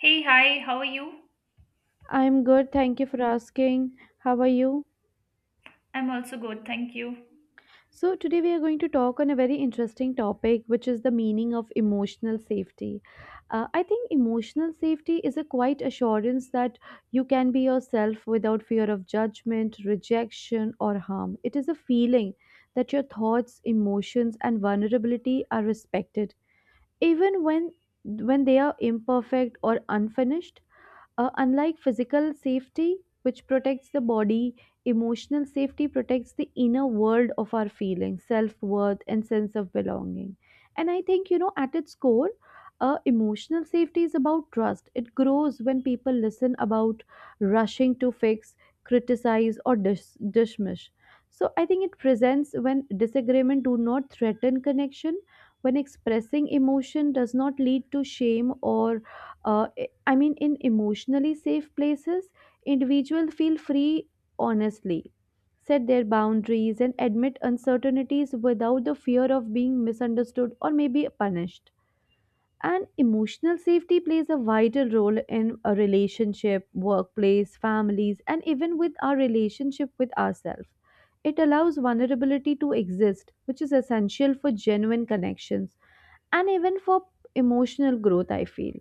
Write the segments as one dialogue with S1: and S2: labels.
S1: Hey, hi, how are you?
S2: I'm good, thank you for asking. How are you?
S1: I'm also good, thank you.
S2: So, today we are going to talk on a very interesting topic, which is the meaning of emotional safety. I think emotional safety is a quiet assurance that you can be yourself without fear of judgment, rejection, or harm. It is a feeling that your thoughts, emotions, and vulnerability are respected, even when they are imperfect or unfinished. Unlike physical safety, which protects the body, emotional safety protects the inner world of our feelings, self worth, and sense of belonging. And I think, you know, at its core, emotional safety is about trust. It grows when people listen about rushing to fix, criticize, or dismiss. So I think it presents when disagreement do not threaten connection, when expressing emotion does not lead to shame or uh, I mean, in emotionally safe places, individuals feel free honestly, set their boundaries, and admit uncertainties without the fear of being misunderstood or maybe punished. And emotional safety plays a vital role in a relationship, workplace, families, and even with our relationship with ourselves. It allows vulnerability to exist, which is essential for genuine connections and even for emotional growth, I feel.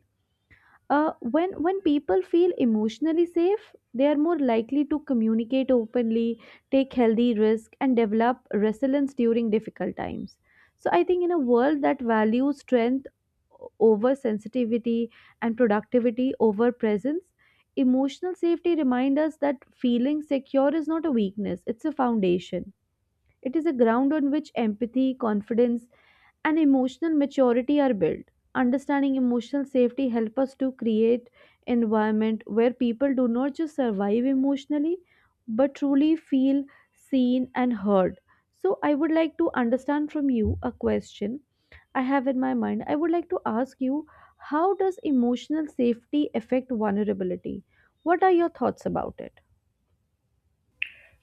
S2: When people feel emotionally safe, they are more likely to communicate openly, take healthy risk, and develop resilience during difficult times. So I think in a world that values strength over sensitivity and productivity over presence, emotional safety reminds us that feeling secure is not a weakness, it's a foundation. It is a ground on which empathy, confidence, and emotional maturity are built. Understanding emotional safety help us to create environment where people do not just survive emotionally, but truly feel seen and heard. So I would like to understand from you a question I have in my mind. I would like to ask you, how does emotional safety affect vulnerability? What are your thoughts about it?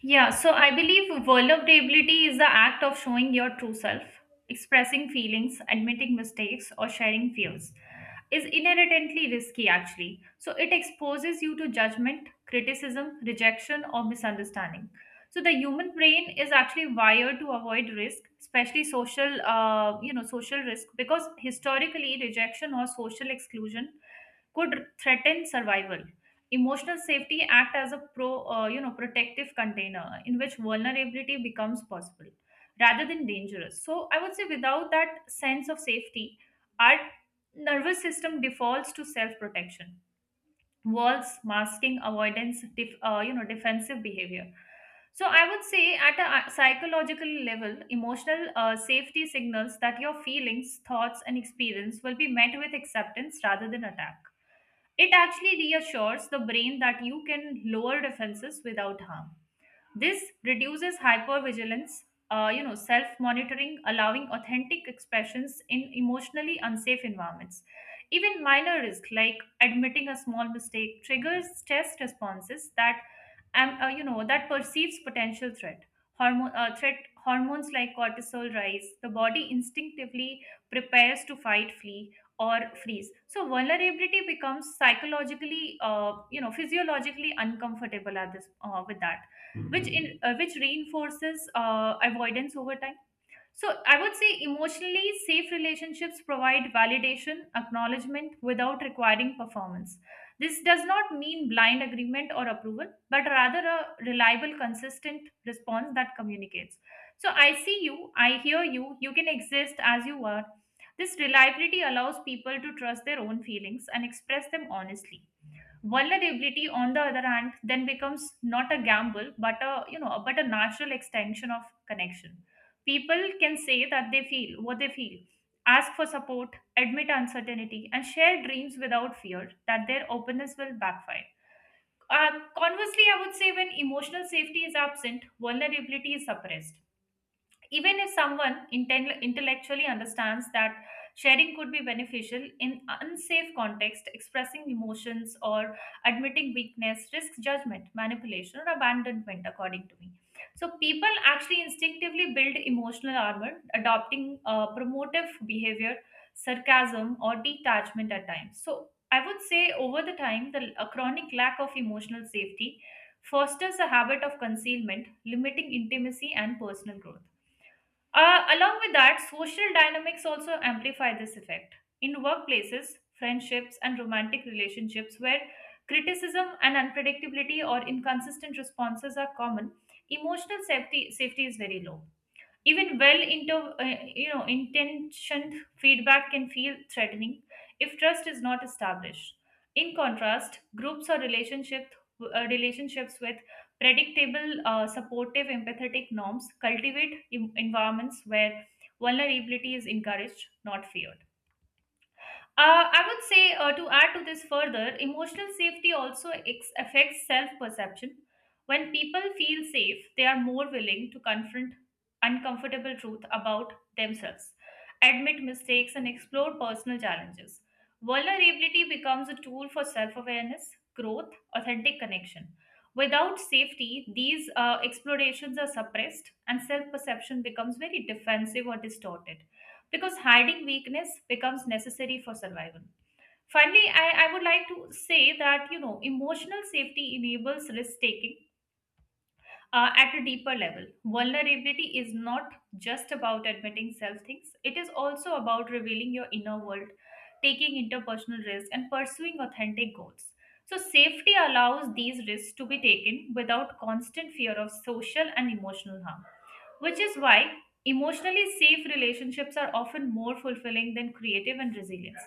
S1: Yeah, so I believe vulnerability is the act of showing your true self, expressing feelings, admitting mistakes, or sharing fears. Is inherently risky actually. So it exposes you to judgment, criticism, rejection, or misunderstanding. So the human brain is actually wired to avoid risk, especially social, social risk, because historically rejection or social exclusion could threaten survival. Emotional safety act as a protective container in which vulnerability becomes possible rather than dangerous. So I would say without that sense of safety, our nervous system defaults to self-protection, walls, masking, avoidance, defensive behavior. So I would say at a psychological level, emotional safety signals that your feelings, thoughts, and experience will be met with acceptance rather than attack. It actually reassures the brain that you can lower defenses without harm. This reduces hypervigilance, self-monitoring, allowing authentic expressions in emotionally unsafe environments. Even minor risk, like admitting a small mistake, triggers stress responses that, that perceives potential threat. Hormone threat hormones like cortisol rise. The body instinctively prepares to fight, flee, or freeze. So vulnerability becomes psychologically, physiologically uncomfortable at this with that, which in which reinforces avoidance over time. So I would say emotionally safe relationships provide validation, acknowledgement, without requiring performance. This does not mean blind agreement or approval, but rather a reliable, consistent response that communicates, so I see you, I hear you, you can exist as you are. This reliability allows people to trust their own feelings and express them honestly. Vulnerability on the other hand then becomes not a gamble, but a you know but a natural extension of connection. People can say that they feel what they feel, ask for support, admit uncertainty, and share dreams without fear that their openness will backfire. uh, Conversely, I would say when emotional safety is absent, vulnerability is suppressed, even if someone intellectually understands that sharing could be beneficial. In unsafe context, expressing emotions or admitting weakness risks judgment, manipulation, or abandonment, according to me. So people actually instinctively build emotional armor, adopting promotive behavior, sarcasm, or detachment at times. So I would say over the time, the a chronic lack of emotional safety fosters a habit of concealment, limiting intimacy and personal growth. Along with that, social dynamics also amplify this effect. In workplaces, friendships, and romantic relationships where criticism and unpredictability or inconsistent responses are common, emotional safety is very low. Even well into you know intentioned feedback can feel threatening if trust is not established. In contrast, groups or relationships with predictable, supportive, empathetic norms cultivate environments where vulnerability is encouraged, not feared. I would say, to add to this further, emotional safety also affects self perception. When people feel safe, they are more willing to confront uncomfortable truth about themselves, admit mistakes, and explore personal challenges. Vulnerability becomes a tool for self awareness, growth, authentic connection. Without safety, these explorations are suppressed and self perception becomes very defensive or distorted, because hiding weakness becomes necessary for survival. Finally, I would like to say that you know emotional safety enables risk taking at a deeper level. Vulnerability is not just about admitting self things; it is also about revealing your inner world, taking interpersonal risks, and pursuing authentic goals. So, safety allows these risks to be taken without constant fear of social and emotional harm, which is why emotionally safe relationships are often more fulfilling than creative and resilience.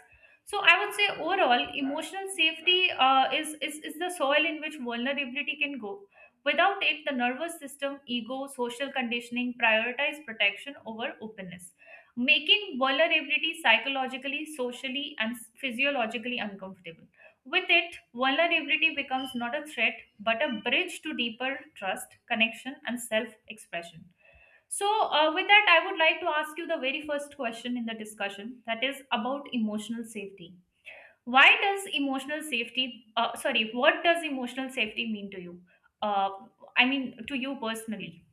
S1: So I would say overall, emotional safety is the soil in which vulnerability can go. Without it, the nervous system, ego, social conditioning prioritize protection over openness, making vulnerability psychologically, socially, and physiologically uncomfortable. With it, vulnerability becomes not a threat, but a bridge to deeper trust, connection, and self expression. So, with that, I would like to ask you the very first question in the discussion that is about emotional safety. Why does emotional safety, sorry, What does emotional safety mean to you? Uh, I mean, to you personally.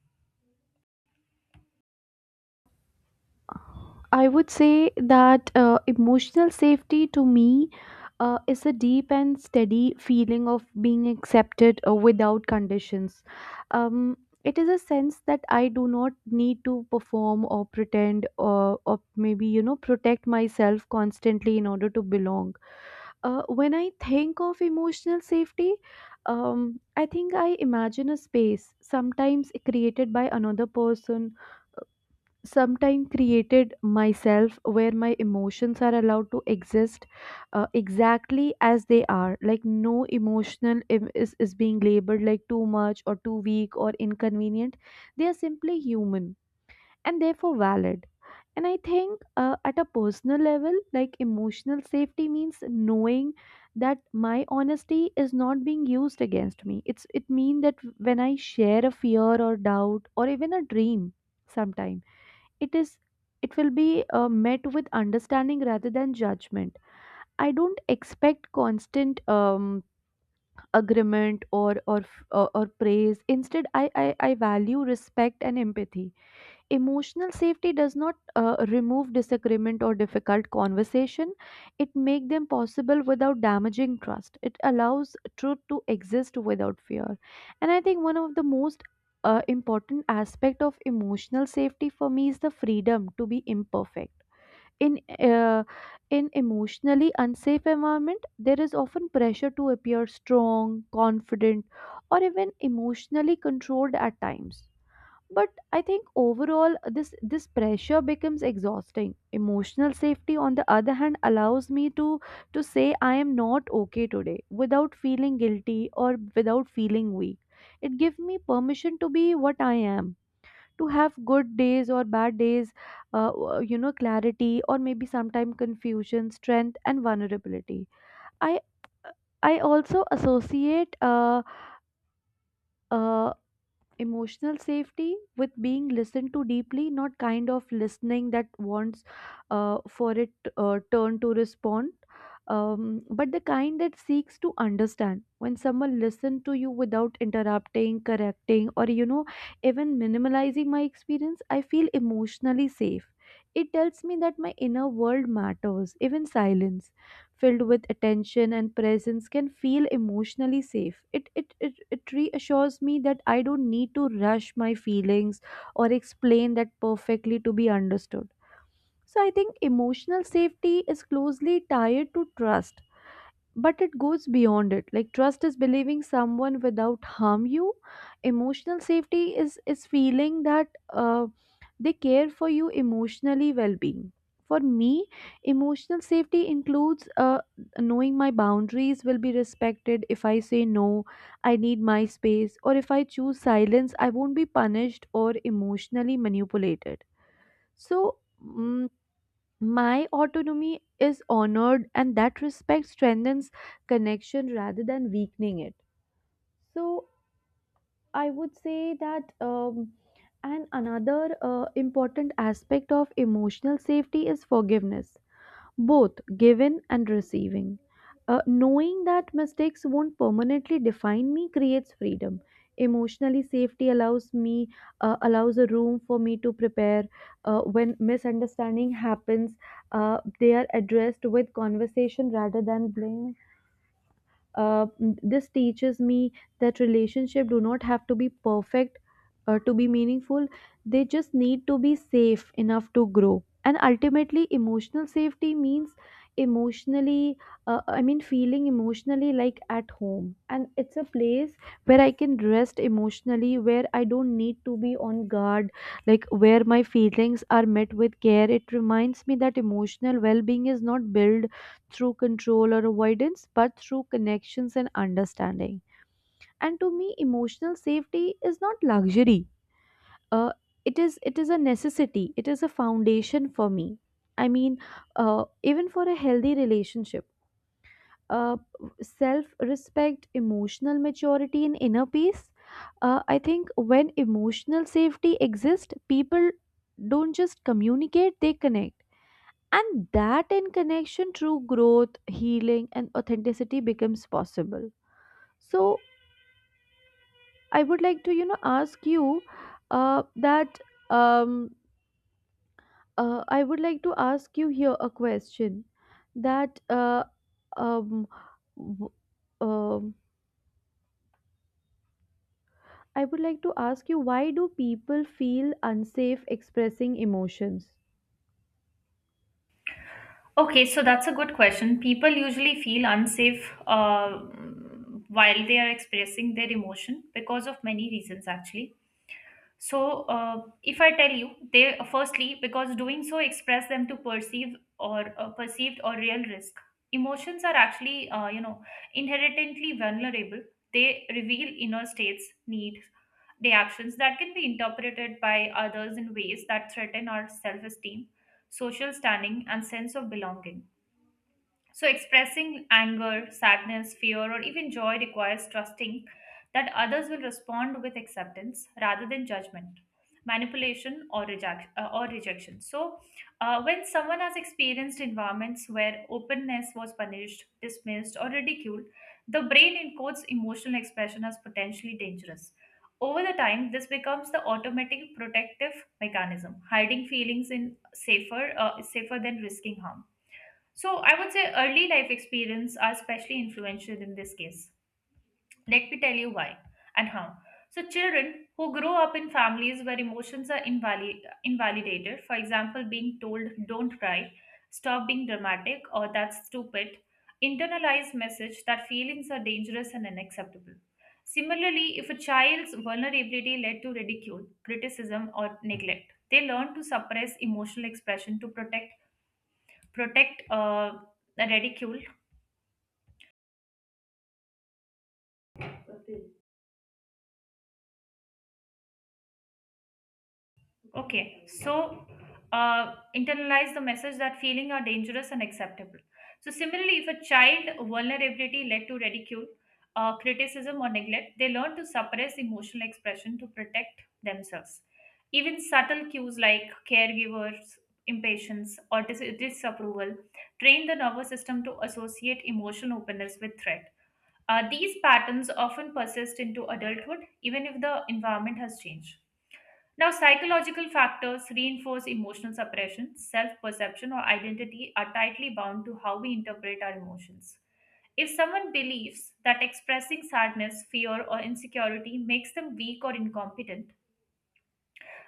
S2: I would say that emotional safety to me is a deep and steady feeling of being accepted without conditions. Um, it is a sense that I do not need to perform or pretend or maybe, you know, protect myself constantly in order to belong. When I think of emotional safety, I think I imagine a space, sometimes created by another person, sometime created myself, where my emotions are allowed to exist exactly as they are, like no emotional is being labeled like too much or too weak or inconvenient. They are simply human and therefore valid. And I think at a personal level, like emotional safety means knowing that my honesty is not being used against me. It's it mean that when I share a fear or doubt or even a dream, sometimes it is, it will be met with understanding rather than judgment. I don't expect constant agreement or or praise. Instead, I value respect and empathy. Emotional safety does not remove disagreement or difficult conversation, it make them possible without damaging trust. It allows truth to exist without fear. And I think one of the most important aspect of emotional safety for me is the freedom to be imperfect. In uh, in emotionally unsafe environment, there is often pressure to appear strong, confident, or even emotionally controlled at times. But I think overall, this pressure becomes exhausting. Emotional safety on the other hand allows me to say I am not okay today without feeling guilty or without feeling weak. It gives me permission to be what I am, to have good days or bad days, you know, clarity or maybe sometime confusion, strength and vulnerability. I i also associate uh, emotional safety with being listened to deeply, not kind of listening that wants for it turn to respond, but the kind that seeks to understand. When someone listens to you without interrupting, correcting, or, you know, even minimalizing my experience, I feel emotionally safe. It tells me that my inner world matters. Even silence filled with attention and presence can feel emotionally safe. It reassures me that I don't need to rush my feelings or explain that perfectly to be understood. So I think emotional safety is closely tied to trust, but it goes beyond it. Like trust is believing someone without harm you, emotional safety is feeling that uh, they care for you emotionally well-being. For me, emotional safety includes knowing my boundaries will be respected. If I say no, I need my space, or if I choose silence, I won't be punished or emotionally manipulated. So mm, my autonomy is honored, and that respect strengthens connection rather than weakening it. So I would say that, and another important aspect of emotional safety is forgiveness, both giving and receiving. Knowing that mistakes won't permanently define me creates freedom. Emotionally, safety allows me allows a room for me to prepare. When misunderstanding happens, they are addressed with conversation rather than blame. uh, this teaches me that relationship do not have to be perfect to be meaningful. They just need to be safe enough to grow. And ultimately, emotional safety means emotionally, I mean feeling emotionally like at home, and it's a place where I can rest emotionally, where I don't need to be on guard, like where my feelings are met with care. It reminds me that emotional well-being is not built through control or avoidance, but through connections and understanding. And to me, emotional safety is not luxury. Uh, it is it is a necessity. It is a foundation for me. I mean, even for a healthy relationship, uh, self-respect, emotional maturity, and inner peace. I think when emotional safety exists, people don't just communicate; they connect, and that in connection, true growth, healing, and authenticity becomes possible. So I would like to, you know, ask you that um, I would like to ask you here a question that uh, um, w- um, I would like to ask you, why do people feel unsafe expressing emotions?
S1: Okay, so that's a good question. People usually feel unsafe while they are expressing their emotion because of many reasons, actually. So, if I tell you, they firstly, because doing so express them to perceived or real risk. Emotions are actually, inherently vulnerable. They reveal inner states, needs, the actions that can be interpreted by others in ways that threaten our self esteem, social standing, and sense of belonging. So, expressing anger, sadness, fear, or even joy requires trusting that others will respond with acceptance rather than judgment, manipulation, or rejection. So, when someone has experienced environments where openness was punished, dismissed, or ridiculed, the brain encodes emotional expression as potentially dangerous. Over the time, this becomes the automatic protective mechanism, hiding feelings in safer than risking harm. So I would say early life experience are especially influential in this case. Let me tell you why and how. So children who grow up in families where emotions are invalidated, for example, being told don't cry, stop being dramatic or that's stupid, internalize message that feelings are dangerous and unacceptable. Similarly, if a child's vulnerability led to ridicule, criticism or neglect, they learn to suppress emotional expression to protect protect the ridicule. Okay, so internalize the message that feeling are dangerous and acceptable. So similarly, if a child vulnerability led to ridicule, criticism or neglect, they learn to suppress emotional expression to protect themselves. Even subtle cues like caregivers impatience or disapproval train the nervous system to associate emotional openness with threat. These patterns often persist into adulthood, even if the environment has changed. Now, psychological factors reinforce emotional suppression, self perception, or identity are tightly bound to how we interpret our emotions. If someone believes that expressing sadness, fear, or insecurity makes them weak or incompetent,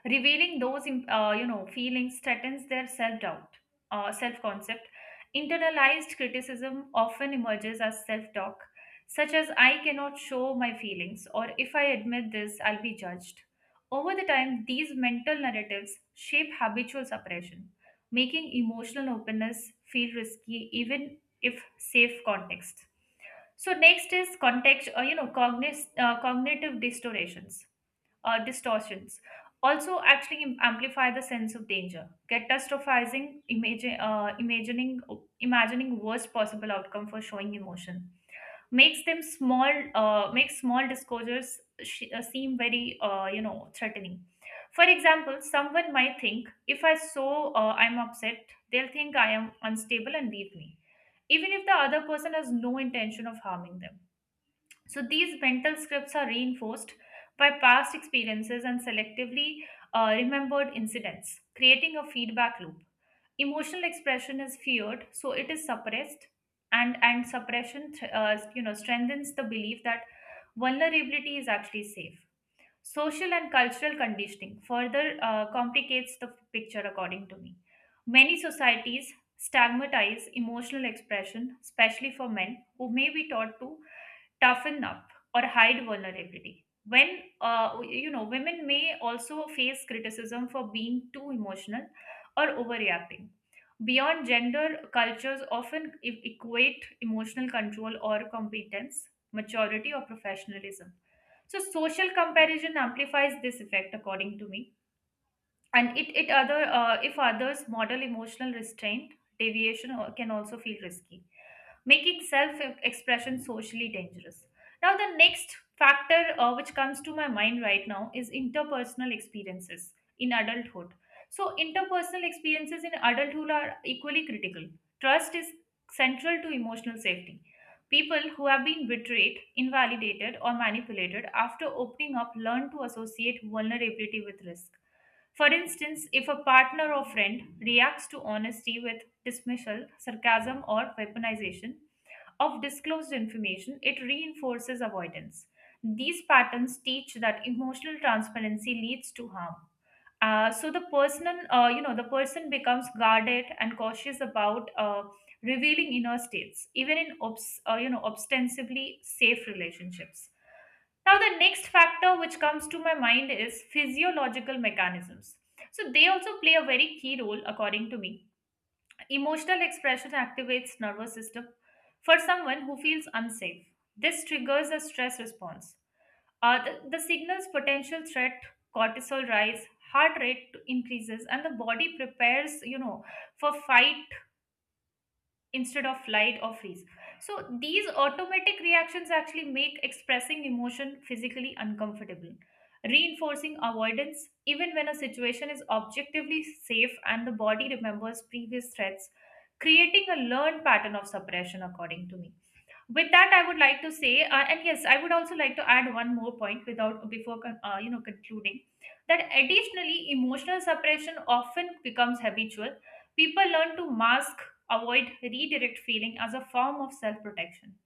S1: revealing those, feelings threatens their self-concept. Internalized criticism often emerges as self-talk, such as "I cannot show my feelings" or "If I admit this, I'll be judged." Over the time, these mental narratives shape habitual suppression, making emotional openness feel risky even if safe context. So next is context, cognitive distortions also actually amplify the sense of danger, catastrophizing, imagine, imagining imagining worst possible outcome for showing emotion makes them small makes small disclosures seem very threatening. For example, someone might think if I show I'm upset, they'll think I am unstable and leave me, even if the other person has no intention of harming them. So these mental scripts are reinforced by past experiences and selectively remembered incidents, creating a feedback loop. Emotional expression is feared, so it is suppressed, and and suppression strengthens the belief that vulnerability is actually safe. Social and cultural conditioning further complicates the picture, according to me. Many societies stigmatize emotional expression, especially for men, who may be taught to toughen up or hide vulnerability. When women may also face criticism for being too emotional or overreacting, beyond gender, cultures often equate emotional control or competence, maturity or professionalism. So social comparison amplifies this effect, according to me. And it other if others model emotional restraint, deviation can also feel risky, making self expression socially dangerous. Now, the next factor, which comes to my mind right now, is interpersonal experiences in adulthood. So interpersonal experiences in adulthood are equally critical. Trust is central to emotional safety. People who have been betrayed, invalidated, or manipulated after opening up learn to associate vulnerability with risk. For instance, if a partner or friend reacts to honesty with dismissal, sarcasm, or weaponization of disclosed information, it reinforces avoidance. These patterns teach that emotional transparency leads to harm. So the person, the person becomes guarded and cautious about revealing inner states, even in ostensibly safe relationships. Now, the next factor which comes to my mind is physiological mechanisms. So they also play a very key role, according to me. Emotional expression activates nervous system for someone who feels unsafe. This triggers a stress response. The signals potential threat, cortisol rise, heart rate increases, and the body prepares, you know, for fight instead of flight or freeze. So these automatic reactions actually make expressing emotion physically uncomfortable, reinforcing avoidance even when a situation is objectively safe, and the body remembers previous threats, creating a learned pattern of suppression, according to me. With that, I would like to say and yes, I would also like to add one more point without before concluding that additionally, emotional suppression often becomes habitual. People learn to mask, avoid, redirect feeling as a form of self protection.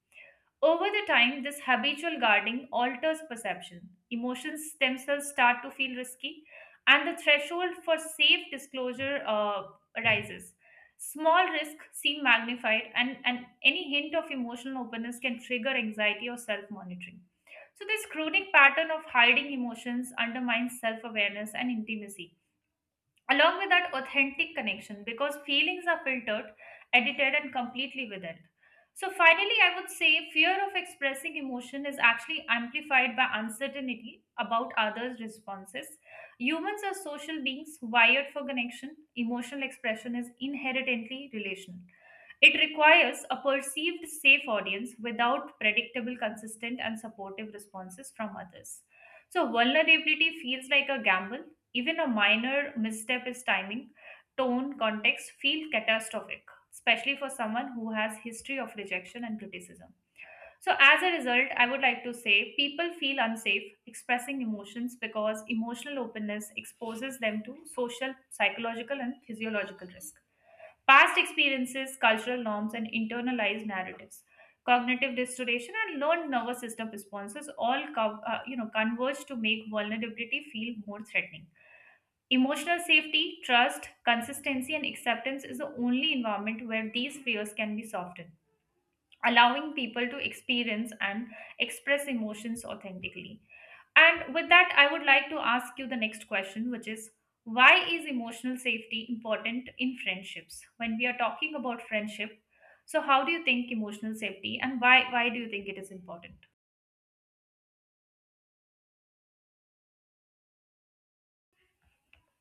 S1: Over the time, this habitual guarding alters perception. Emotions themselves start to feel risky, and the threshold for safe disclosure arises. Small risk seem magnified, and, any hint of emotional openness can trigger anxiety or self monitoring. So this chronic pattern of hiding emotions undermines self awareness and intimacy, along with that authentic connection, because feelings are filtered, edited, and completely within. So finally, I would say fear of expressing emotion is actually amplified by uncertainty about others responses. Humans are social beings wired for connection. Emotional expression is inherently relational. It requires a perceived safe audience without predictable, consistent, and supportive responses from others. So vulnerability feels like a gamble. Even a minor misstep is timing, tone, context feel catastrophic, especially for someone who has history of rejection and criticism. So as a result, I would like to say people feel unsafe expressing emotions because emotional openness exposes them to social, psychological, and physiological risk, past experiences, cultural norms, and internalized narratives. Cognitive dissociation and learned nervous system responses all converge to make vulnerability feel more threatening. Emotional safety, trust, consistency, and acceptance is the only environment where these fears can be softened, allowing people to experience and express emotions authentically. And with that, I would like to ask you the next question, which is, why is emotional safety important in friendships? When we are talking about friendship, so how do you think emotional safety, and why do you think it is important?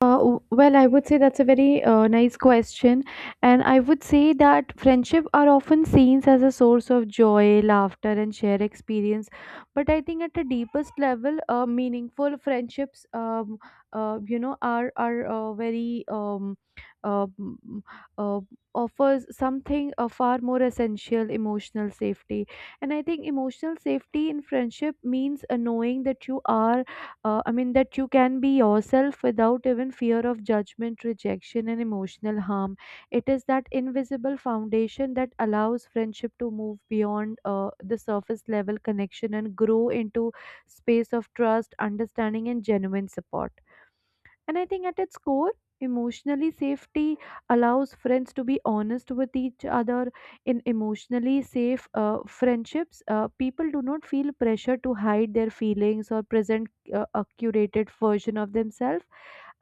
S2: Well, I would say that's a very nice question. And I would say that friendship are often seen as a source of joy, laughter, and shared experience. But I think at the deepest level, meaningful friendships, you know, uh, m- uh, offers something far more essential, emotional safety. And I think emotional safety in friendship means knowing that you are, I mean, that you can be yourself without even fear of judgment, rejection, and emotional harm. It is that invisible foundation that allows friendship to move beyond the surface level connection and grow into space of trust, understanding, and genuine support. And I think at its core, emotionally safety allows friends to be honest with each other. In emotionally safe friendships, people do not feel pressure to hide their feelings or present a curated version of themselves.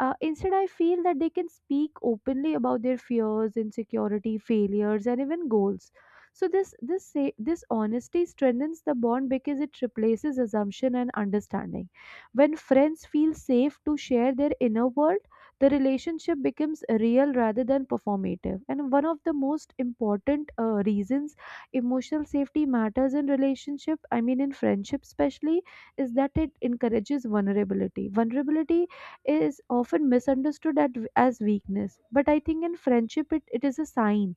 S2: Instead, I feel that they can speak openly about their fears, insecurity, failures, and even goals. So this honesty strengthens the bond because it replaces assumption and understanding. When friends feel safe to share their inner world, the relationship becomes real rather than performative. And one of the most important reasons emotional safety matters in relationship, I mean in friendship especially, is that it encourages vulnerability. Vulnerability is often misunderstood as weakness. But I think in friendship, it is a sign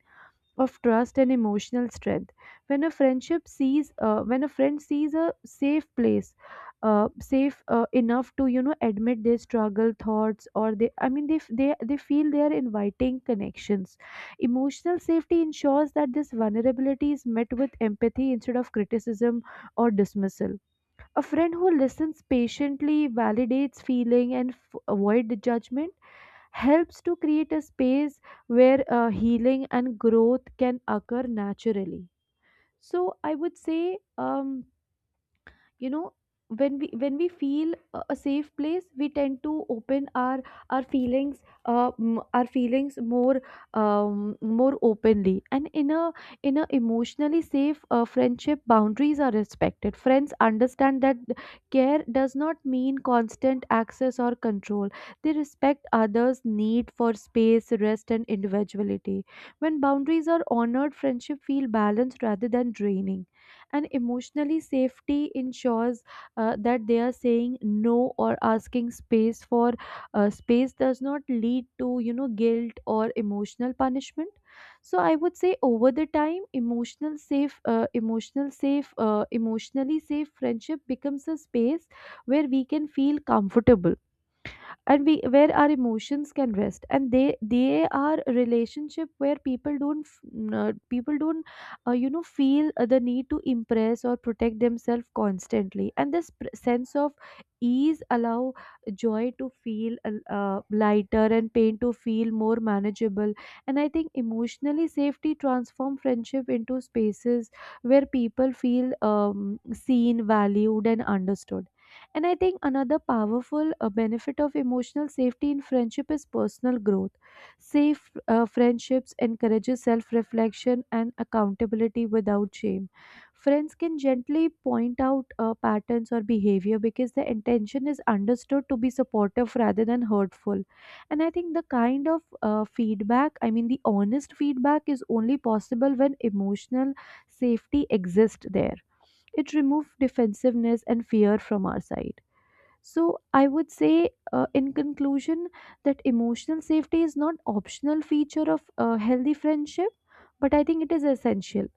S2: of trust and emotional strength. When a friendship sees, when a friend sees a safe place, safe enough to, you know, admit their struggle thoughts, or they, I mean they feel they are inviting connections, emotional safety ensures that this vulnerability is met with empathy instead of criticism or dismissal. A friend who listens patiently, validates feeling, and avoid the judgment helps to create a space where healing and growth can occur naturally. So I would say you know when we feel a safe place we tend to open our feelings our feelings more um, more openly and in a emotionally safe friendship, boundaries are respected. Friends understand that care does not mean constant access or control. They respect others need for space, rest and individuality. When boundaries are honored, friendship feel balanced rather than draining, and emotionally safety ensures that they are saying no or asking space for space does not lead to guilt or emotional punishment. So I would say over the time, emotionally safe friendship becomes a space where we can feel comfortable, and we where our emotions can rest, and they are a relationship where people don't feel the need to impress or protect themselves constantly. And this sense of ease allow joy to feel lighter, and pain to feel more manageable. And I think emotionally safety transform friendship into spaces where people feel seen, valued and understood. And I think another powerful benefit of emotional safety in friendship is personal growth. Safe friendships encourages self-reflection and accountability without shame. Friends can gently point out patterns or behavior, because the intention is understood to be supportive rather than hurtful. And I think the kind of feedback, I mean the honest feedback, is only possible when emotional safety exists there. It removes defensiveness and fear from our side. So I would say, in conclusion, that emotional safety is not optional feature of a healthy friendship, but I think it is essential.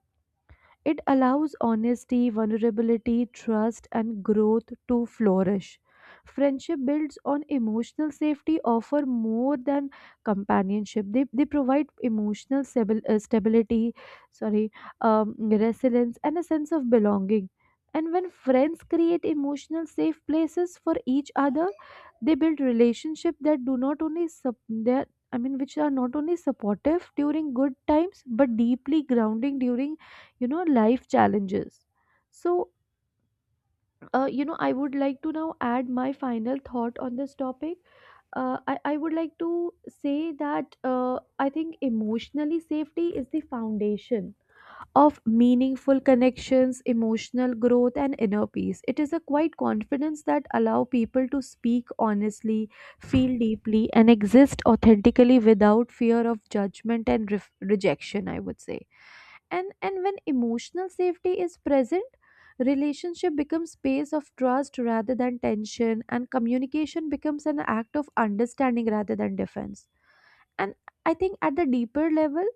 S2: It allows honesty, vulnerability, trust, and growth to flourish. Friendship builds on emotional safety, offer more than companionship. They, provide emotional stability, sorry, resilience, and a sense of belonging. And when friends create emotional safe places for each other, they build relationships that do not only sup- that I mean, which are not only supportive during good times, but deeply grounding during life challenges. So I would like to now add my final thought on this topic. I would like to say that I think emotionally safety is the foundation of meaningful connections, emotional growth and inner peace. It is a quiet confidence that allow people to speak honestly, feel deeply and exist authentically without fear of judgment and ref rejection, I would say. And when emotional safety is present, relationship becomes space of trust rather than tension, and communication becomes an act of understanding rather than defense. And I think at the deeper level,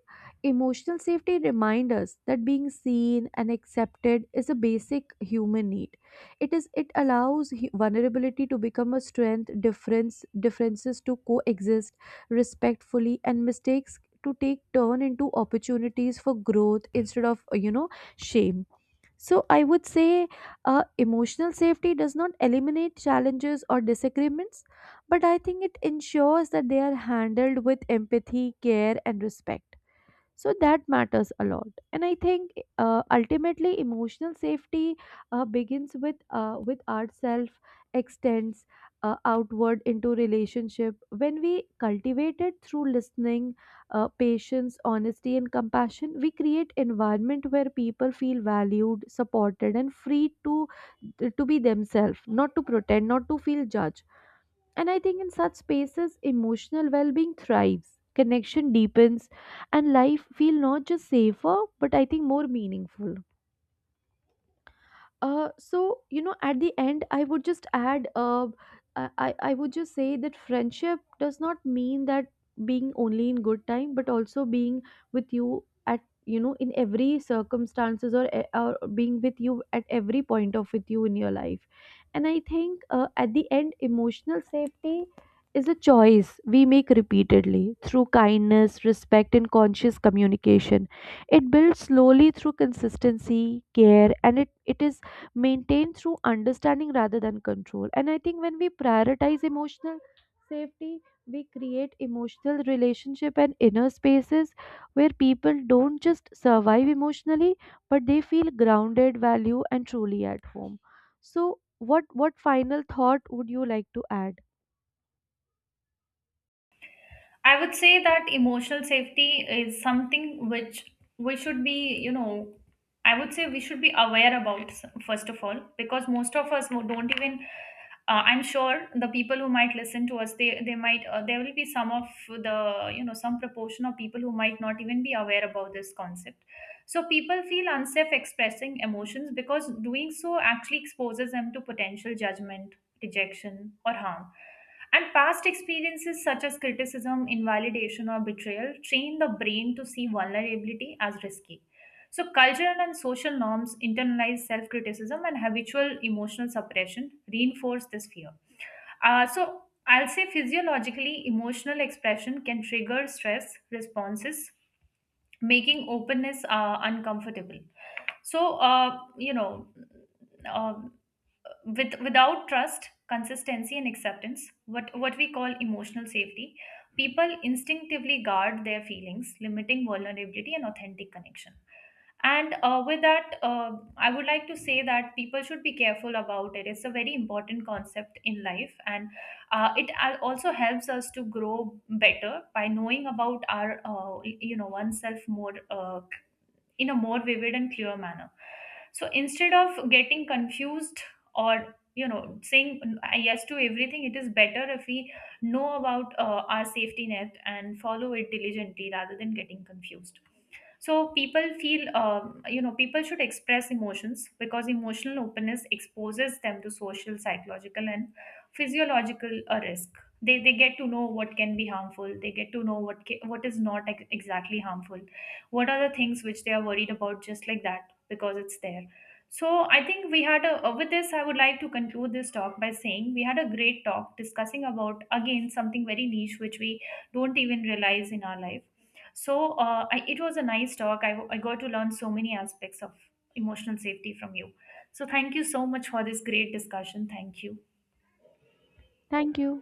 S2: emotional safety reminds us that being seen and accepted is a basic human need. It allows vulnerability to become a strength, differences to coexist respectfully, and mistakes to take turn into opportunities for growth instead of shame. So I would say, emotional safety does not eliminate challenges or disagreements, but I think it ensures that they are handled with empathy, care, and respect. So that matters a lot. And I think ultimately emotional safety begins with ourself, extends outward into relationship. When we cultivate it through listening, patience, honesty and compassion, we create environment where people feel valued, supported and free to be themselves, not to pretend, not to feel judged. And I think in such spaces, emotional well being thrives, connection deepens, and life feel not just safer, but I think more meaningful. So you know, at the end, I would just add. I I would just say that friendship does not mean that being only in good time, but also being with you at you know in every circumstances or being with you at every point of with you in your life. And I think at the end, emotional safety is a choice we make repeatedly through kindness, respect, and conscious communication. It builds slowly through consistency, care, and it is maintained through understanding rather than control. And I think when we prioritize emotional safety, we create emotional relationship and inner spaces where people don't just survive emotionally, but they feel grounded, value, and truly at home. So, what final thought would you like to add?
S1: I would say that emotional safety is something which we should be, you know, I would say we should be aware about, s- first of all, because most of us who don't even, I'm sure the people who might listen to us, they might, there will be some of the, you know, some proportion of people who might not even be aware about this concept. So people feel unsafe expressing emotions because doing so actually exposes them to potential judgment, rejection, or harm, and past experiences such as criticism, invalidation, or betrayal train the brain to see vulnerability as risky. So cultural and social norms, internalized self criticism, and habitual emotional suppression reinforce this fear. So, I'll say physiologically, emotional expression can trigger stress responses, making openness uncomfortable. So, uh, with without trust, consistency, and acceptance, what we call emotional safety, people instinctively guard their feelings, limiting vulnerability and authentic connection. And with that, I would like to say that people should be careful about it. It's a very important concept in life, and also helps us to grow better by knowing about our, you know, oneself more, in a more vivid and clear manner. So instead of getting confused or, you know, saying yes to everything, it is better if we know about our safety net and follow it diligently rather than getting confused. So people feel, you know, people should express emotions because emotional openness exposes them to social, psychological, and physiological risk. They get to know what can be harmful. They get to know what what is not exactly harmful, what are the things which they are worried about, just like that, because it's there. So I think we had a with this, I would like to conclude this talk by saying we had a great talk discussing about again something very niche which we don't even realize in our life. So it was a nice talk. I got to learn so many aspects of emotional safety from you. So thank you so much for this great discussion. Thank you.
S2: Thank you.